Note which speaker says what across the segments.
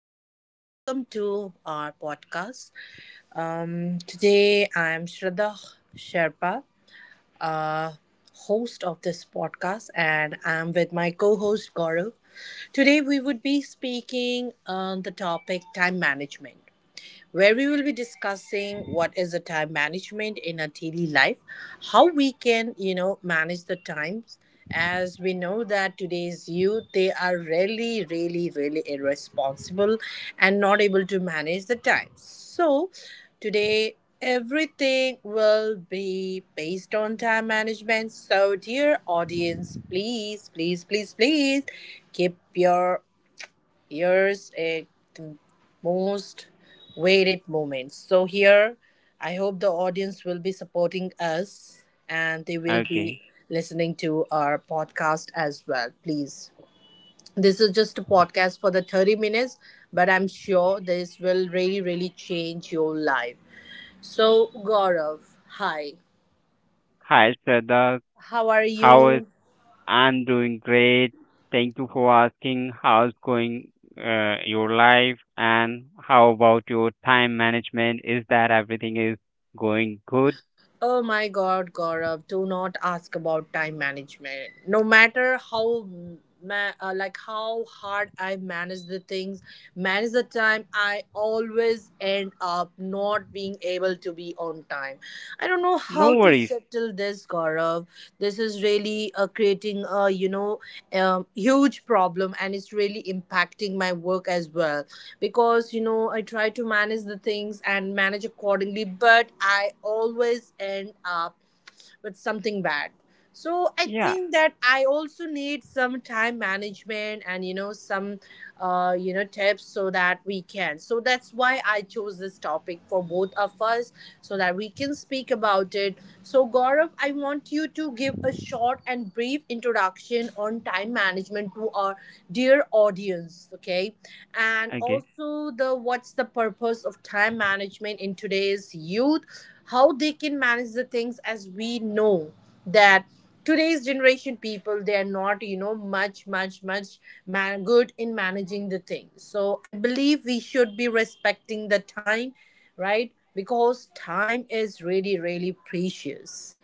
Speaker 1: everyone. Welcome to our podcast. Today, I'm Shraddha Sherpa, uh, host of this podcast, and I'm with my co host Gaurav. Today, we would be speaking on the topic time management, where we will be discussing what is the time management in our daily life, how we can, manage the times. As we know that today's youth, they are really, really, really irresponsible and not able to manage the time. So, today everything will be based on time management. So, dear audience, please, please, please, please keep your years a most weighted moment. So here, I hope the audience will be supporting us and they will
Speaker 2: Okay.
Speaker 1: be listening to our podcast as well. Please. This is just a podcast for the 30 minutes, but I'm sure this will really, really change your life. So, Gaurav, hi.
Speaker 2: Hi, Shraddha.
Speaker 1: How are
Speaker 2: How is
Speaker 1: you?
Speaker 2: I'm doing great. Thank you for asking. How's going your life and how about your time management? Is that everything is going good?
Speaker 1: Oh my God, Gaurav, do not ask about time management. No matter how like how hard I manage the things, manage the time, I always end up not being able to be on time. I don't know how
Speaker 2: No
Speaker 1: how to
Speaker 2: worries.
Speaker 1: settle this, Gaurav. This is really creating a huge problem, and it's really impacting my work as well because I try to manage the things and manage accordingly, but I always end up with something bad. So I
Speaker 2: Yeah.
Speaker 1: think that I also need some time management and some tips so that we can, so that's why I chose this topic for both of us so that we can speak about it. So Gaurav, I want you to give a short and brief introduction on time management to our dear audience, okay, and
Speaker 2: Okay.
Speaker 1: also the what's the purpose of time management in today's youth, how they can manage the things. As we know that today's generation people, they are not much good in managing the things, so I believe we should be respecting the time, right? Because time is really, really precious.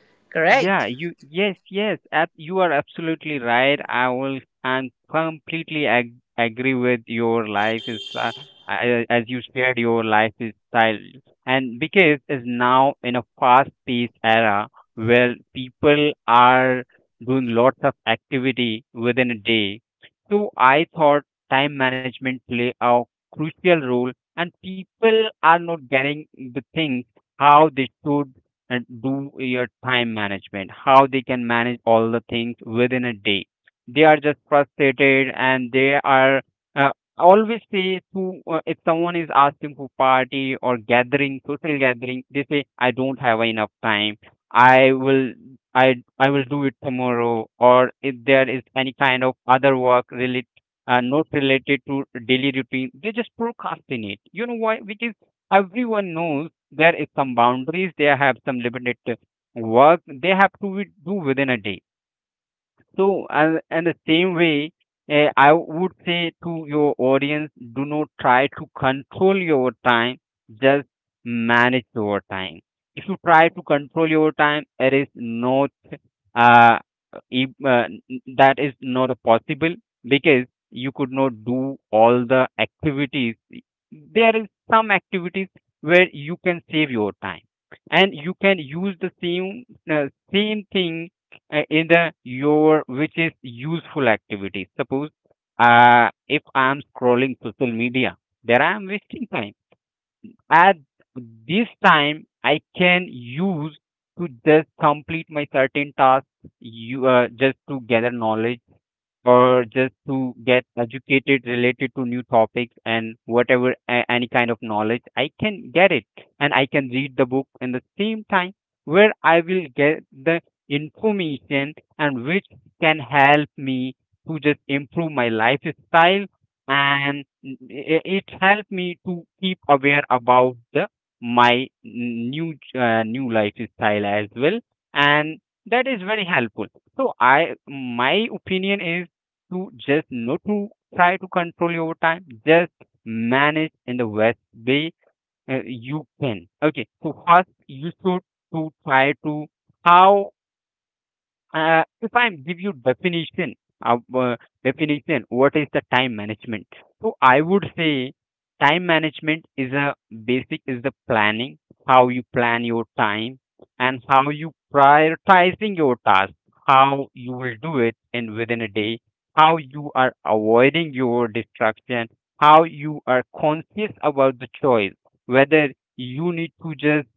Speaker 2: Yeah,
Speaker 1: Correct.
Speaker 2: you yes, yes, ab you are absolutely right. I will and completely ag agree with your life is as you shared your lifestyle, and because is now in a fast-paced era where people are doing lots of activity within a day. So I thought time management play a crucial role, and people are not getting the things how they should and do your time management, how they can manage all the things within a day. They are just frustrated and they are uh, always say to if someone is asking for party or gathering, social gathering, they say, I don't have enough time. I will I will do it tomorrow, or if there is any kind of other work related not related to daily routine, they just procrastinate. You know why? Because everyone knows there is some boundaries, they have some limited work they have to do within a day. So and the same way, I would say to your audience, do not try to control your time, just manage your time. If you try to control your time, it is not uh, if, that is not possible because you could not do all the activities. There is some activities where you can save your time and you can use the same same thing in the your, which is useful activities. Suppose if I am scrolling social media, there I am wasting time. At this time I can use to just complete my certain tasks, you just to gather knowledge or just to get educated related to new topics, and whatever any kind of knowledge I can get it, and I can read the book in the same time where I will get the information, and which can help me to just improve my lifestyle, and it helped me to keep aware about the my new new lifestyle as well, and that is very helpful. So i, my opinion is to just not to try to control your time, just manage in the best way you can. Okay, so first you should to try to how if I give you definition, uh, uh, definition, what is the time management? So I would say time management is a basic is the planning, how you plan your time and how you prioritizing your task, how you will do it in within a day, how you are avoiding your distraction, how you are conscious about the choice, whether you need to just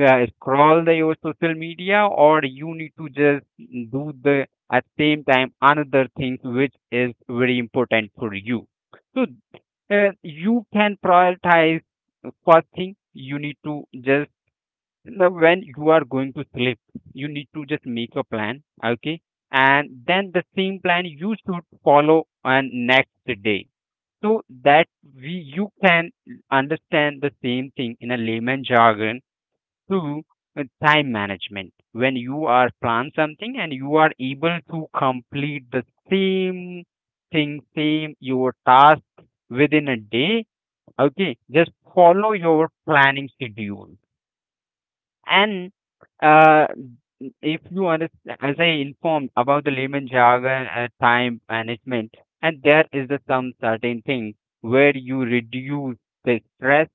Speaker 2: scroll the your social media, or you need to just do the at same time another thing which is very important for you. So you can prioritize. First thing you need to just, now when you are going to sleep, you need to just make a plan, okay, and then the same plan you should follow on next day. So that we you can understand the same thing in a layman jargon to time management. When you are plan something and you are able to complete the same thing, same your task within a day, okay, just follow your planning schedule. And uh, if you understand, as I informed about the layman jargon time management, and there is the some certain thing where you reduce the stress.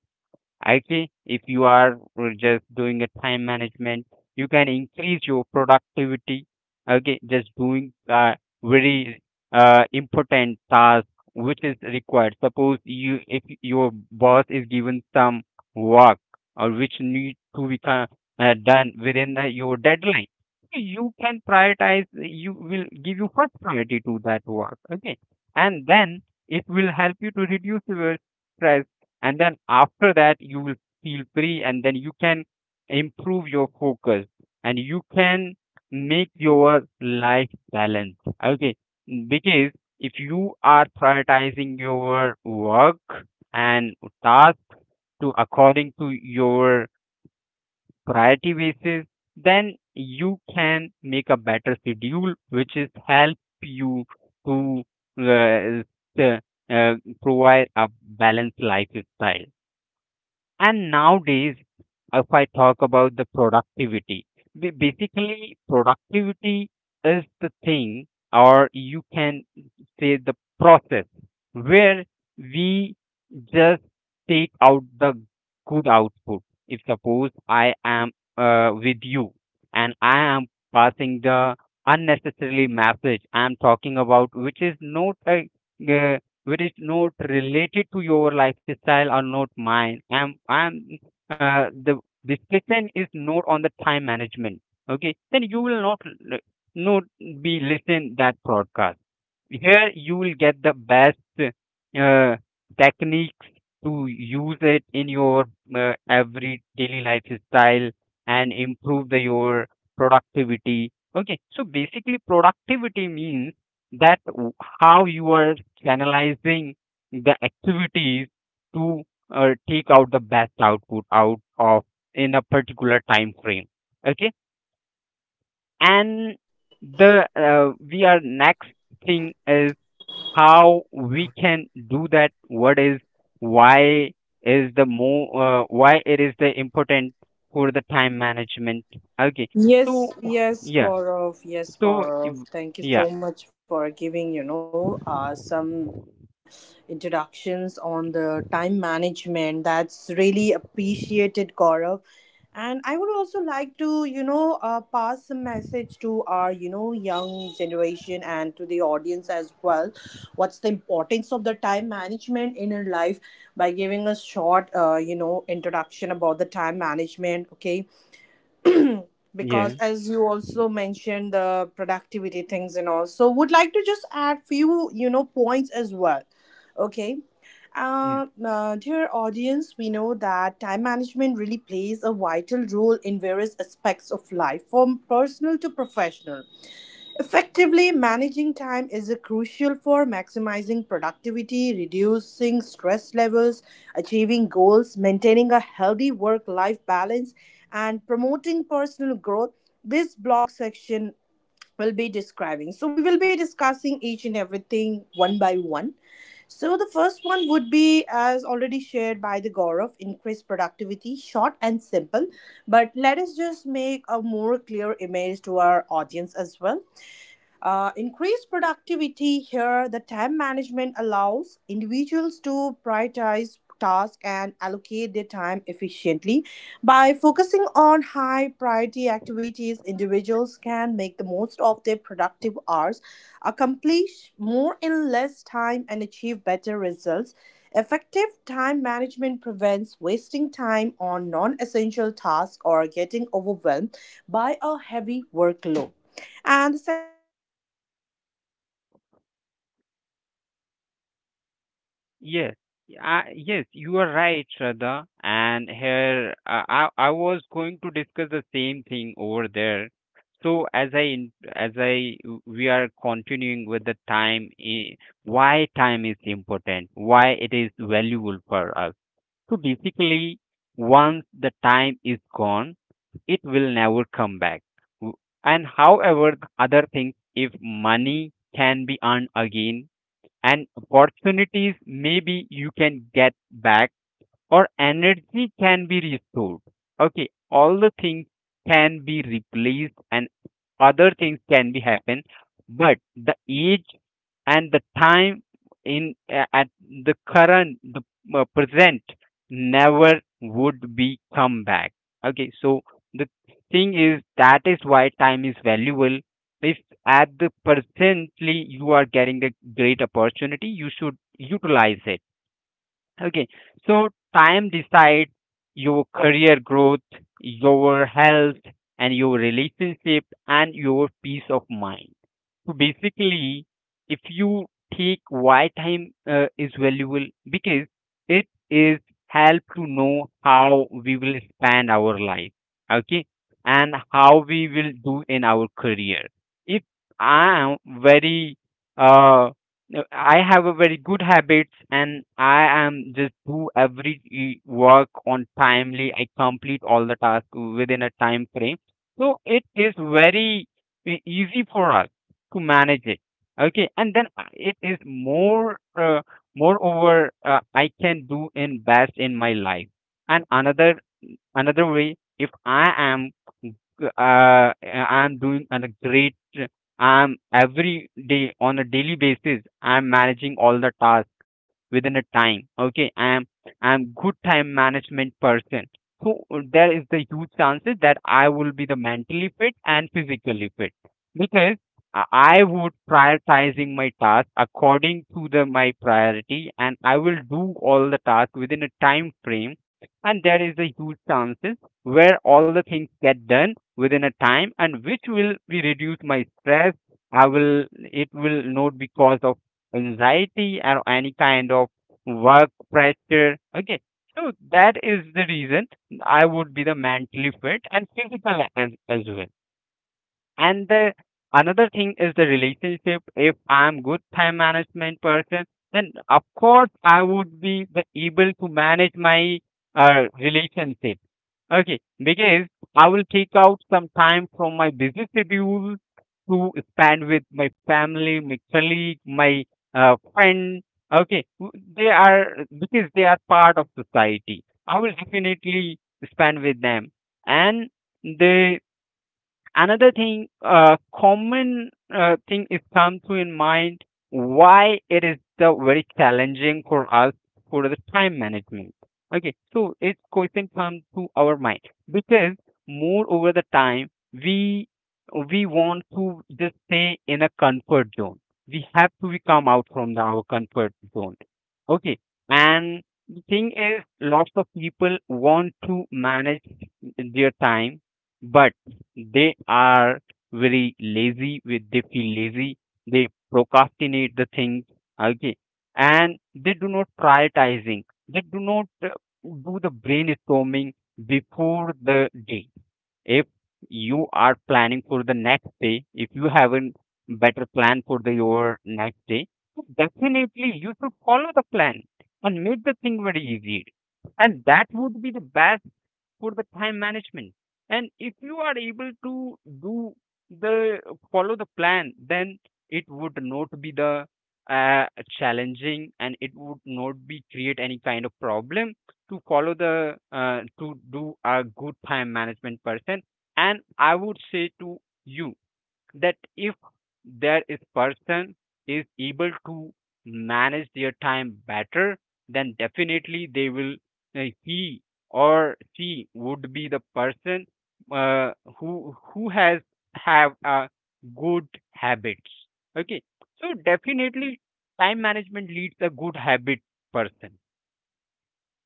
Speaker 2: Actually, if you are just doing a time management, you can increase your productivity. Okay, just doing very important task which is required. Suppose you, if your boss is given some work or which need to be done within the, your deadline, you can prioritize. You will give you first priority to that work. Okay, and then it will help you to reduce your stress, and then after that you will feel free, and then you can improve your focus and you can make your life balance, okay, because if you are prioritizing your work and task to according to your priority basis, then you can make a better schedule which is help you to uh, s- uh, provide a balanced lifestyle. And nowadays, if I talk about the productivity, basically productivity is the thing, or you can say the process where we just take out the good output. If suppose I am with you and I am passing the unnecessarily message, I am talking about which is not a uh, which is not related to your lifestyle or not mine. I'm the discussion is not on the time management. Okay, then you will not not be listen that broadcast. Here you will get the best uh, techniques to use it in your every daily lifestyle and improve the your productivity. Okay, so basically productivity means that how you are channelizing the activities to take out the best output out of in a particular time frame, okay. And the we are next thing is how we can do that, what is why is the more why it is the important for the time management, okay.
Speaker 1: Yes,
Speaker 2: So
Speaker 1: yes,
Speaker 2: yeah.
Speaker 1: Gaurav. Yes,
Speaker 2: So yeah,
Speaker 1: Gaurav. Thank you
Speaker 2: yeah,
Speaker 1: so much for giving, some introductions on the time management. That's really appreciated, Gaurav. And I would also like to, pass a message to our, young generation and to the audience as well. What's the importance of the time management in our life, by giving a short, introduction about the time management. Okay, because as you also mentioned the productivity things and all, so would like to just add few points as well. Okay.
Speaker 2: yeah,
Speaker 1: Dear audience, we know that time management really plays a vital role in various aspects of life, from personal to professional. Effectively managing time is a crucial for maximizing productivity, reducing stress levels, achieving goals, maintaining a healthy work life balance, and promoting personal growth. This blog section will be describing. So, we will be discussing each and everything one by one. So the first one would be, as already shared by the Gaurav, increase productivity, short and
Speaker 2: yeah.
Speaker 1: simple. But let us just make a more clear image to our audience as well. Increased productivity. Here, the time management allows individuals to prioritize tasks and allocate their time efficiently. By focusing on high priority activities, individuals can make the most of their productive hours, accomplish more in less time, and achieve better results. Effective time management prevents wasting time on non essential tasks or getting overwhelmed by a heavy
Speaker 2: Yes, yes, you are right, Shraddha. And here, I was going to discuss the same thing over there. So as I in- as I w- we are continuing with the time, why time is important, why it is valuable for us. So basically, once the time is gone, it will never come back. W- And however, other things, if money can be earned again, and opportunities maybe you can get back, or energy can be restored. Okay, all the things can be replaced and other things can be happen, but the age and the time in at the current the present never would be come back. Okay, so the thing is that is why time is valuable. If at the presently you are getting a great opportunity, you should utilize it. Okay, so time decides your career growth, your health, and your relationship, and your peace of mind. So basically, if you take why time is valuable, because it is help to know how we will spend our life, okay, and how we will do in our career. If I am very uh, no, I have a very good habits and I am just do every work on timely. I complete all the tasks within a time frame. So it is very easy for us to manage it. Okay, and then it is more, moreover, I can do in best in my life. And another another way if I am uh, I'm doing a great, I'm every day on a daily basis I'm managing all the tasks within a time, okay, I'm good time management person. So there is the huge chances that I will be the mentally fit and physically fit, because I would prioritizing my task according to the my priority, and I will do all the tasks within a time frame, and there is a huge chances where all the things get done within a time, and which will be reduce my stress. I will, it will not be cause of anxiety or any kind of work pressure, okay. So that is the reason I would be the mentally fit and physical as well. And the another thing is the relationship. If I'm good time management person, then of course I would be the able to manage my relationship. Okay, because I will take out some time from my business schedule to spend with my family, my colleague, my friend. Okay, they are because they are part of society. I will definitely spend with them, and they. Another thing, common thing is come to in mind why it is the very challenging for us for the time management. Okay, so it's question comes to our mind because more over the time we want to just stay in a comfort zone. We have to become out from the, our comfort zone. Okay, and the thing is, lots of people want to manage their time, but they are very lazy. With they feel lazy. They procrastinate the things. Okay, and they do not prioritizing. They do not do the brainstorming before the day. If you are planning for the next day, if you haven't better plan for the your next day, so definitely you should follow the plan and make the thing very easy. And that would be the best for the time management. And if you are able to do the follow the plan, then it would not be the uh, challenging, and it would not be create any kind of problem to follow the to do a good time management person. And I would say to you that if there is person is able to manage their time better, then definitely they will he or she would be the person uh, who has have good habits. Okay, so definitely time management leads a good habit person.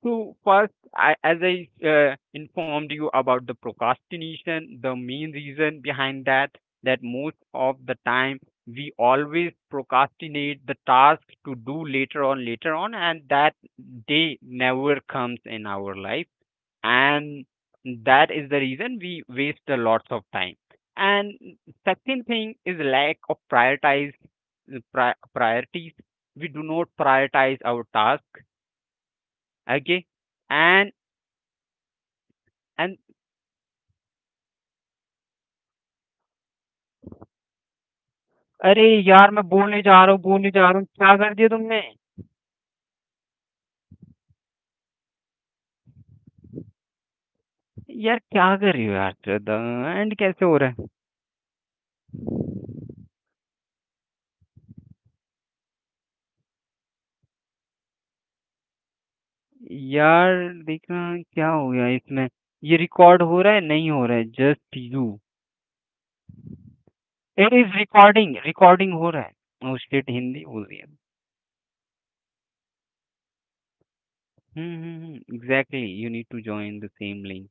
Speaker 2: So first, as I informed you about the procrastination, the main reason behind that, that most of the time we always procrastinate the task to do later on, later on, and that day never comes in our life. And that is the reason we waste a lot of time. And second thing is lack of priorities. We do not prioritize our tasks. Okay, and and अरे यार! मैं बोलने जा रहा हूँ बोलने जा रहा हूँ, क्या कर दिया तुमने? यार क्या कर रही हो यार? श्रद्धा एंड कैसे हो रहा है? यार देखना क्या हो गया इसमें? ये रिकॉर्ड हो रहा है? नहीं हो रहा है, just you. It is recording, recording हो रहा है। Oh shit! हिंदी बोल दिया। हुँ, हुँ, हुँ, exactly you need to join the same link.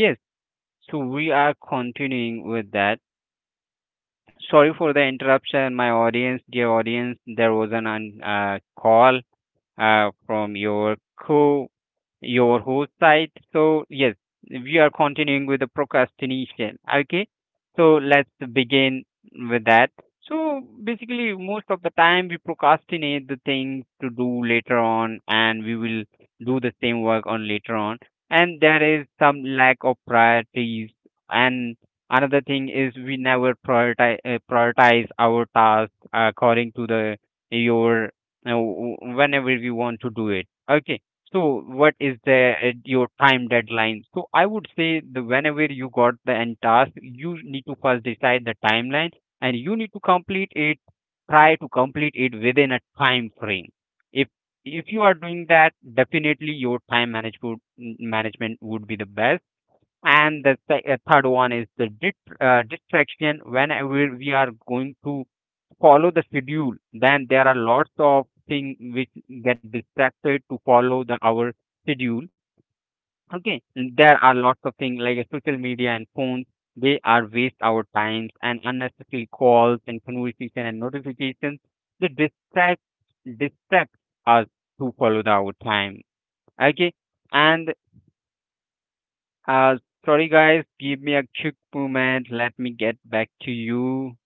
Speaker 2: Yes, so we are continuing with that. Sorry for the interruption, my audience, dear audience, there was an un call from your co your whole side. So yes, we are continuing with the procrastination. Okay, so let's begin with that. So basically, most of the time we procrastinate the things to do later on, and we will do the same work on later on. And there is some lack of priorities. And another thing is we never prioritize our tasks according to the your whenever you want to do it. Okay, so what is the your time deadline? So I would say the whenever you got the end task, you need to first decide the timeline and you need to complete it. Try to complete it within a time frame. if if you are doing that, definitely your time management would be the best. And the third one is the distraction. Whenever we are going to follow the schedule, then there are lots of things which get distracted to follow the our schedule. Okay, and there are lots of things like social media and phones. They are waste our times, and unnecessary calls and conversation and notifications, they distract us to follow the, our time. Okay, and uh sorry guys, give me a quick moment, let me get back to you.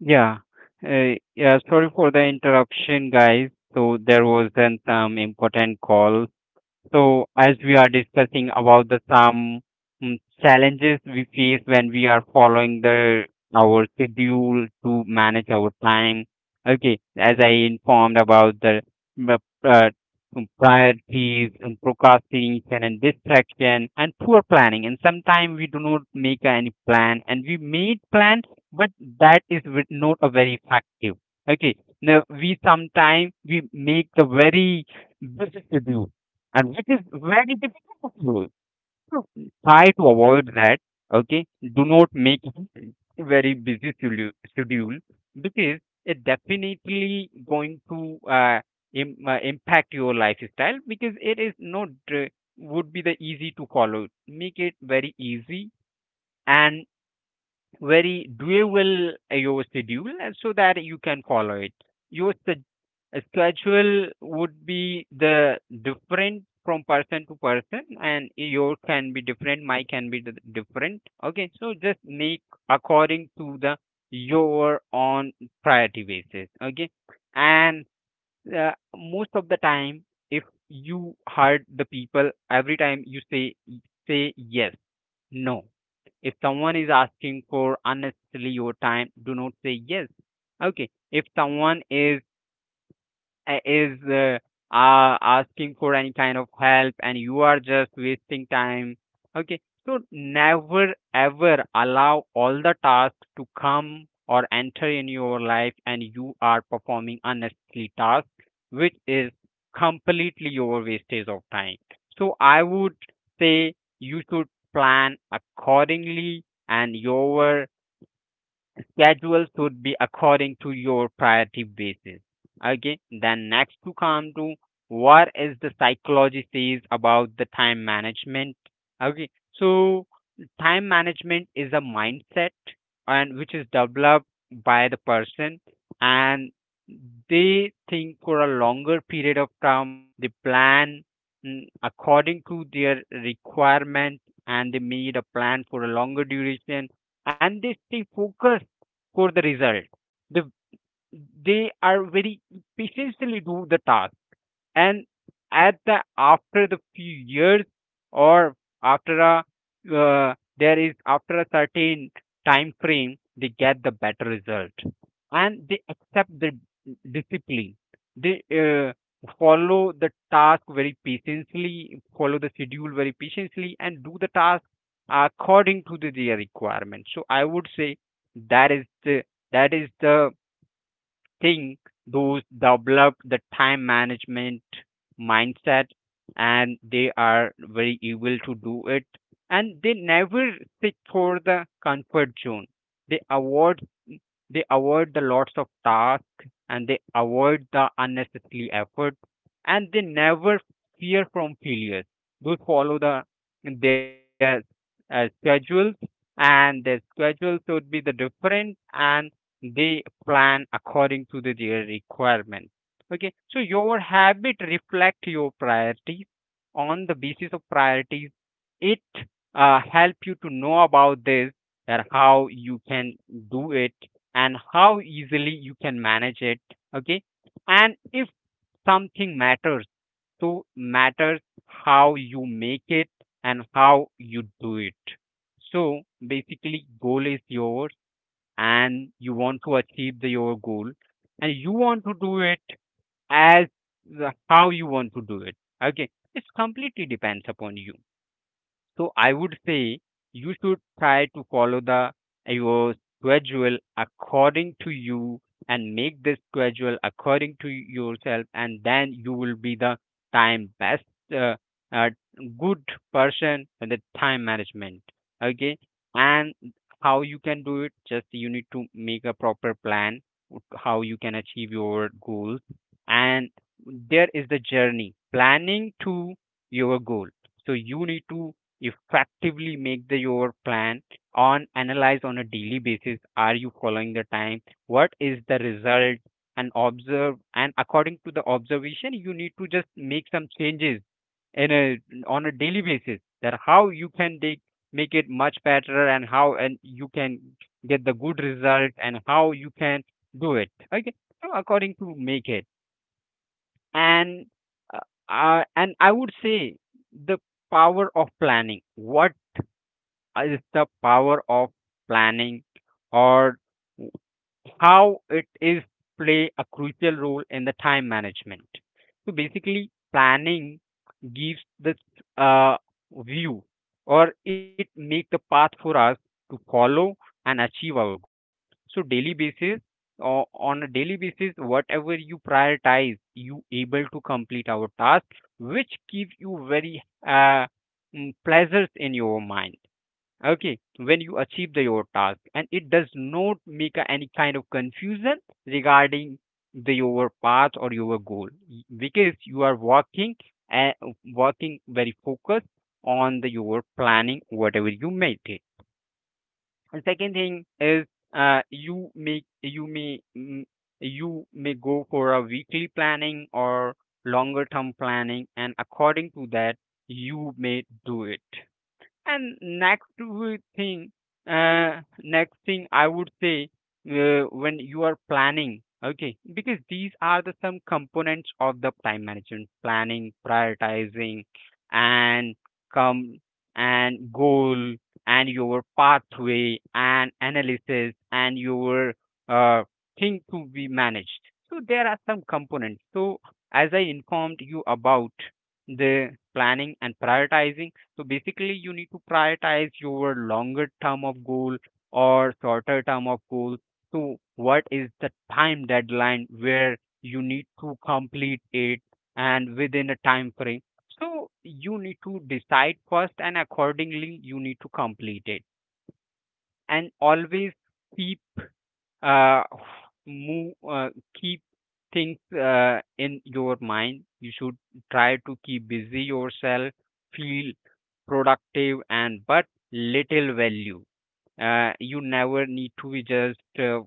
Speaker 2: Yeah. Yeah, sorry for the interruption, guys. So there was then some important call. So, as we are discussing about the some challenges we face when we are following the our schedule to manage our time. Okay, as I informed about the mm, uh, priorities and procrastination and distraction and poor planning, and sometimes we do not make any plan, and we made plan, but that is not a very effective. Okay, now we sometimes we make the very busy schedule and which is where it is possible. So try to avoid that. Okay. Do not make it a very busy schedule because it definitely going to impact your lifestyle, because it is not would be the easy to follow. Make it very easy and very doable your schedule, and so that you can follow it your schedule would be the different from person to person, and your can be different, my can be different. Okay, so just make according to the your on priority basis. Okay, and most of the time, if you hurt the people every time you say, say yes, no, if someone is asking for unnecessarily your time, do not say yes. Okay. If someone is uh, is uh, asking for any kind of help, and you are just wasting time. Okay, so never ever allow all the tasks to come or enter in your life, and you are performing unnecessary tasks which is completely your wastage of time. So I would say you should plan accordingly, and your schedule should be according to your priority basis. Okay, then next to come to what is the psychology says about the time management. Okay, so time management is a mindset and which is developed by the person, and they think for a longer period of time, they plan according to their requirement, and they made a plan for a longer duration, and they stay focused score the result. The, they are very patiently do the task, and at the after the few years, or after a there is after a certain time frame, they get the better result, and they accept the discipline, they uh, follow the task very patiently, follow the schedule very patiently, and do the task according to the, their requirement. So I would say that is the that is the think those develop the time management mindset, and they are very able to do it, and they never sit for the comfort zone. They avoid, they avoid the lots of tasks, and they avoid the unnecessary effort, and they never fear from failure. Those follow the their schedules, and their schedules would be the different, and they plan according to the, their requirement. Okay, so your habit reflect your priorities. On the basis of priorities, it help you to know about this, and how you can do it, and how easily you can manage it. Okay, and if something matters, so matters how you make it and how you do it. So basically, goal is yours, and you want to achieve the, your goal, and you want to do it as the, how you want to do it. Okay, it's completely depends upon you. So I would say you should try to follow the your schedule according to you, and make the schedule according to yourself, and then you will be the time best uh, uh, good person in the time management. Okay, and how you can do it? Just you need to make a proper plan how you can achieve your goals, and there is the journey planning to your goal. So you need to effectively make the your plan on analyze on a daily basis, are you following the time, what is the result, and observe, and according to the observation you need to just make some changes in a on a daily basis, that how you can take make it much better, and how and you can get the good result, and how you can do it. Okay, so according to make it, and uh, and I would say the power of planning. What is the power of planning, or how it is play a crucial role in the time management. So basically, planning gives this uh, view, or it make the path for us to follow and achieve our goal. So daily basis or on a daily basis, whatever you prioritize, you able to complete our task, which give you very pleasures in your mind. Okay, when you achieve the, your task, and it does not make any kind of confusion regarding the your path or your goal. Because you are working, and working very focused on the your planning, whatever you made it. And second thing is you make you may you may go for a weekly planning or longer term planning, and according to that you may do it. And next thing I would say, when you are planning, okay, because these are the some components of the time management: planning, prioritizing, and come and goal and your pathway and analysis and your uh, thing to be managed. So there are some components. So as I informed you about the planning and prioritizing, so basically, you need to prioritize your longer term of goal or shorter term of goal. So what is the time deadline where you need to complete it and within a time frame? So you need to decide first and accordingly you need to complete it and always keep uh, move keep things in your mind. You should try to keep busy yourself, feel productive, and but little value. You never need to be just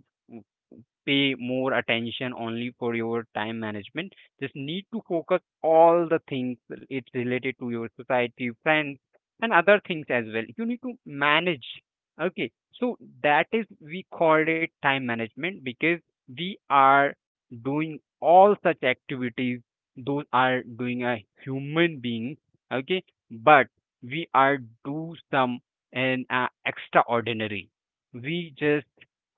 Speaker 2: pay more attention only for your time management. Just need to focus all the things. It's related to your society, friends, and other things as well you need to manage. Okay, so that is we called it time management, because we are doing all such activities, those are doing a human being. Okay, but we are do some and extraordinary. We just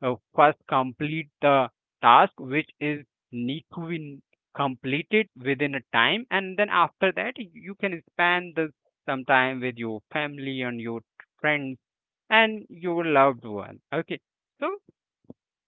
Speaker 2: first complete the task which is need to be n- completed within a time, and then after that you can spend some time with your family and your friends and your loved one. Okay, so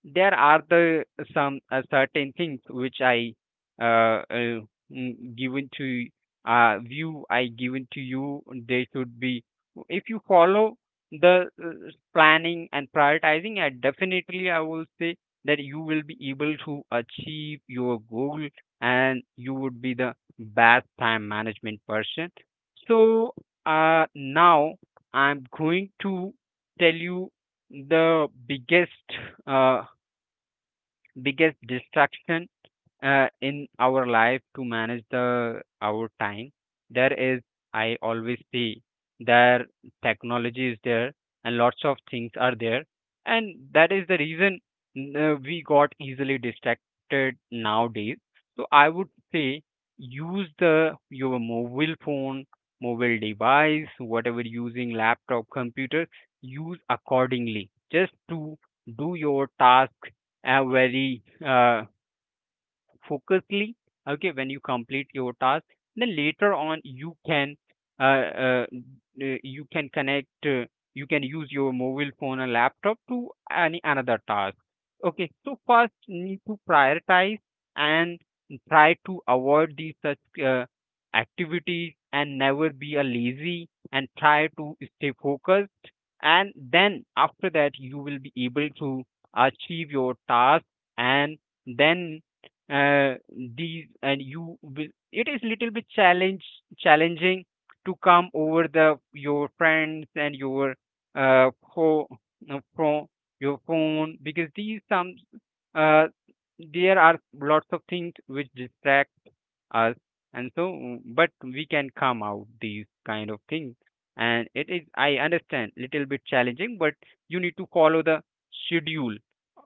Speaker 2: there are the some certain things which I uh mm, given to view I given to you. They should be if you follow the planning and prioritizing. I definitely I will say that you will be able to achieve your goal, and you would be the best time management person. So now I'm going to tell you the biggest uh, biggest distraction in our life to manage the our time. There is, I always see, there technology is there and lots of things are there, and that is the reason we got easily distracted nowadays. So I would say use the your mobile phone, mobile device, whatever, using laptop, computer. Use accordingly, just to do your task very focusedly. Okay, when you complete your task, then later on uh, uh, you can connect, you can use your mobile phone or laptop to any another task. Okay, so first need to prioritize and try to avoid these such activities, and never be a lazy and try to stay focused. And then after that you will be able to achieve your task. And then uh, these and you will, it is little bit challenge challenging to come over the your friends and your uh pho- uh, pho- your phone, because these some uh there are lots of things which distract us. And so but we can come out these kind of things. And it is, I understand, little bit challenging, but you need to follow the schedule.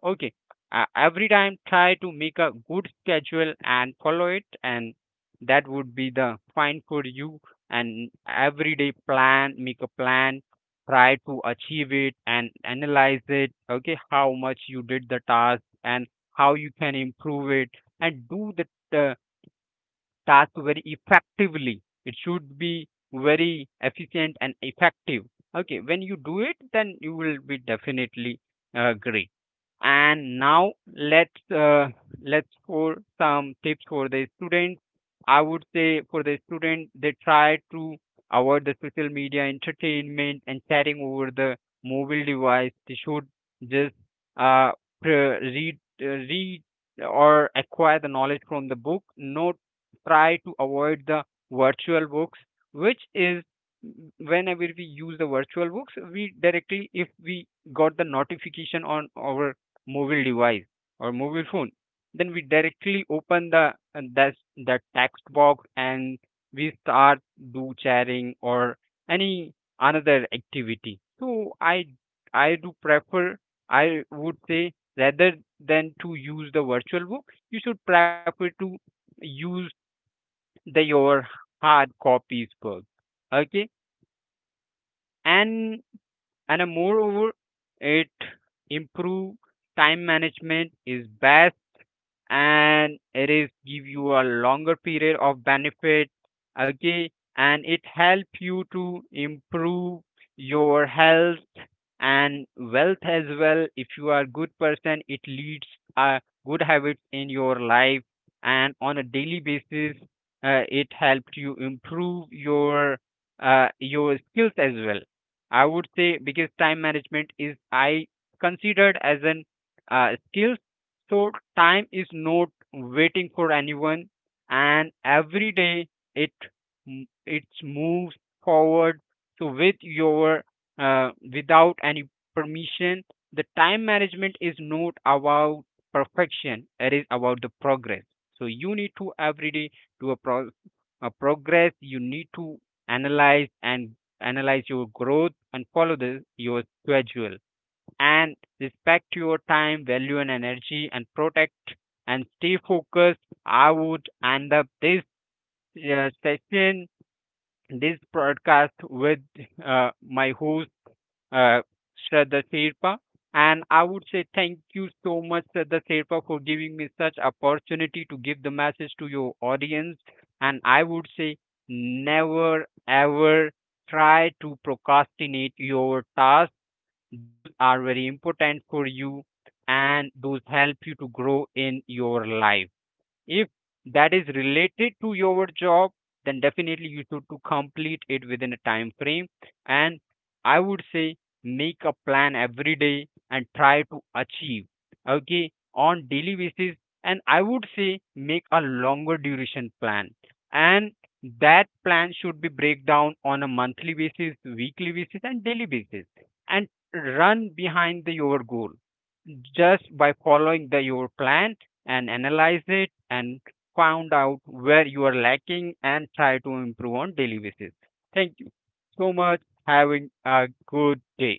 Speaker 2: Okay, every time try to make a good schedule and follow it, and that would be the fine for you. And every day plan, make a plan, try to achieve it and analyze it. Okay, how much you did the task and how you can improve it. And do the task very effectively. It should be very efficient and effective. Okay, when you do it, then you will be definitely great. And now let's for some tips for the students. I would say for the student, they try to avoid the social media, entertainment, and chatting over the mobile device. They should just uh, read read or acquire the knowledge from the book. Not, try to avoid the virtual books, which is, whenever we use the virtual books, we directly, if we got the notification on our mobile device or mobile phone, then we directly open the that the text box, and we start do chatting or any another activity. So I do prefer, I would say, rather than to use the virtual book, you should prefer to use the your hard copies book. Okay, and moreover, it improve time management is best, and it is give you a longer period of benefit. Okay, and it help you to improve your health and wealth as well. If you are good person, it leads a good habit in your life. And on a daily basis, it helped you improve your skills as well, I would say, because time management is I considered as an skill. So time is not waiting for anyone, and every day it it's moves forward. So with your without any permission, the time management is not about perfection. It is about the progress. So you need to every day do a, pro- a progress. You need to analyze and analyze your growth and follow the your schedule, and respect your time, value, and energy, and protect and stay focused. I would end up this session, this broadcast with my host, uh, Shraddha Sherpa. And I would say thank you so much, Shraddha Sherpa, for giving me such opportunity to give the message to your audience. And I would say never ever try to procrastinate your task. Those are very important for you, and those help you to grow in your life. If that is related to your job, then definitely you should to complete it within a time frame. And I would say make a plan every day and try to achieve, okay, on daily basis. And I would say make a longer duration plan. And that plan should be break down on a monthly basis, weekly basis, and daily basis. And run behind the your goal just by following the your plan, and analyze it and found out where you are lacking and try to improve on daily basis. Thank you so much. Having a good day.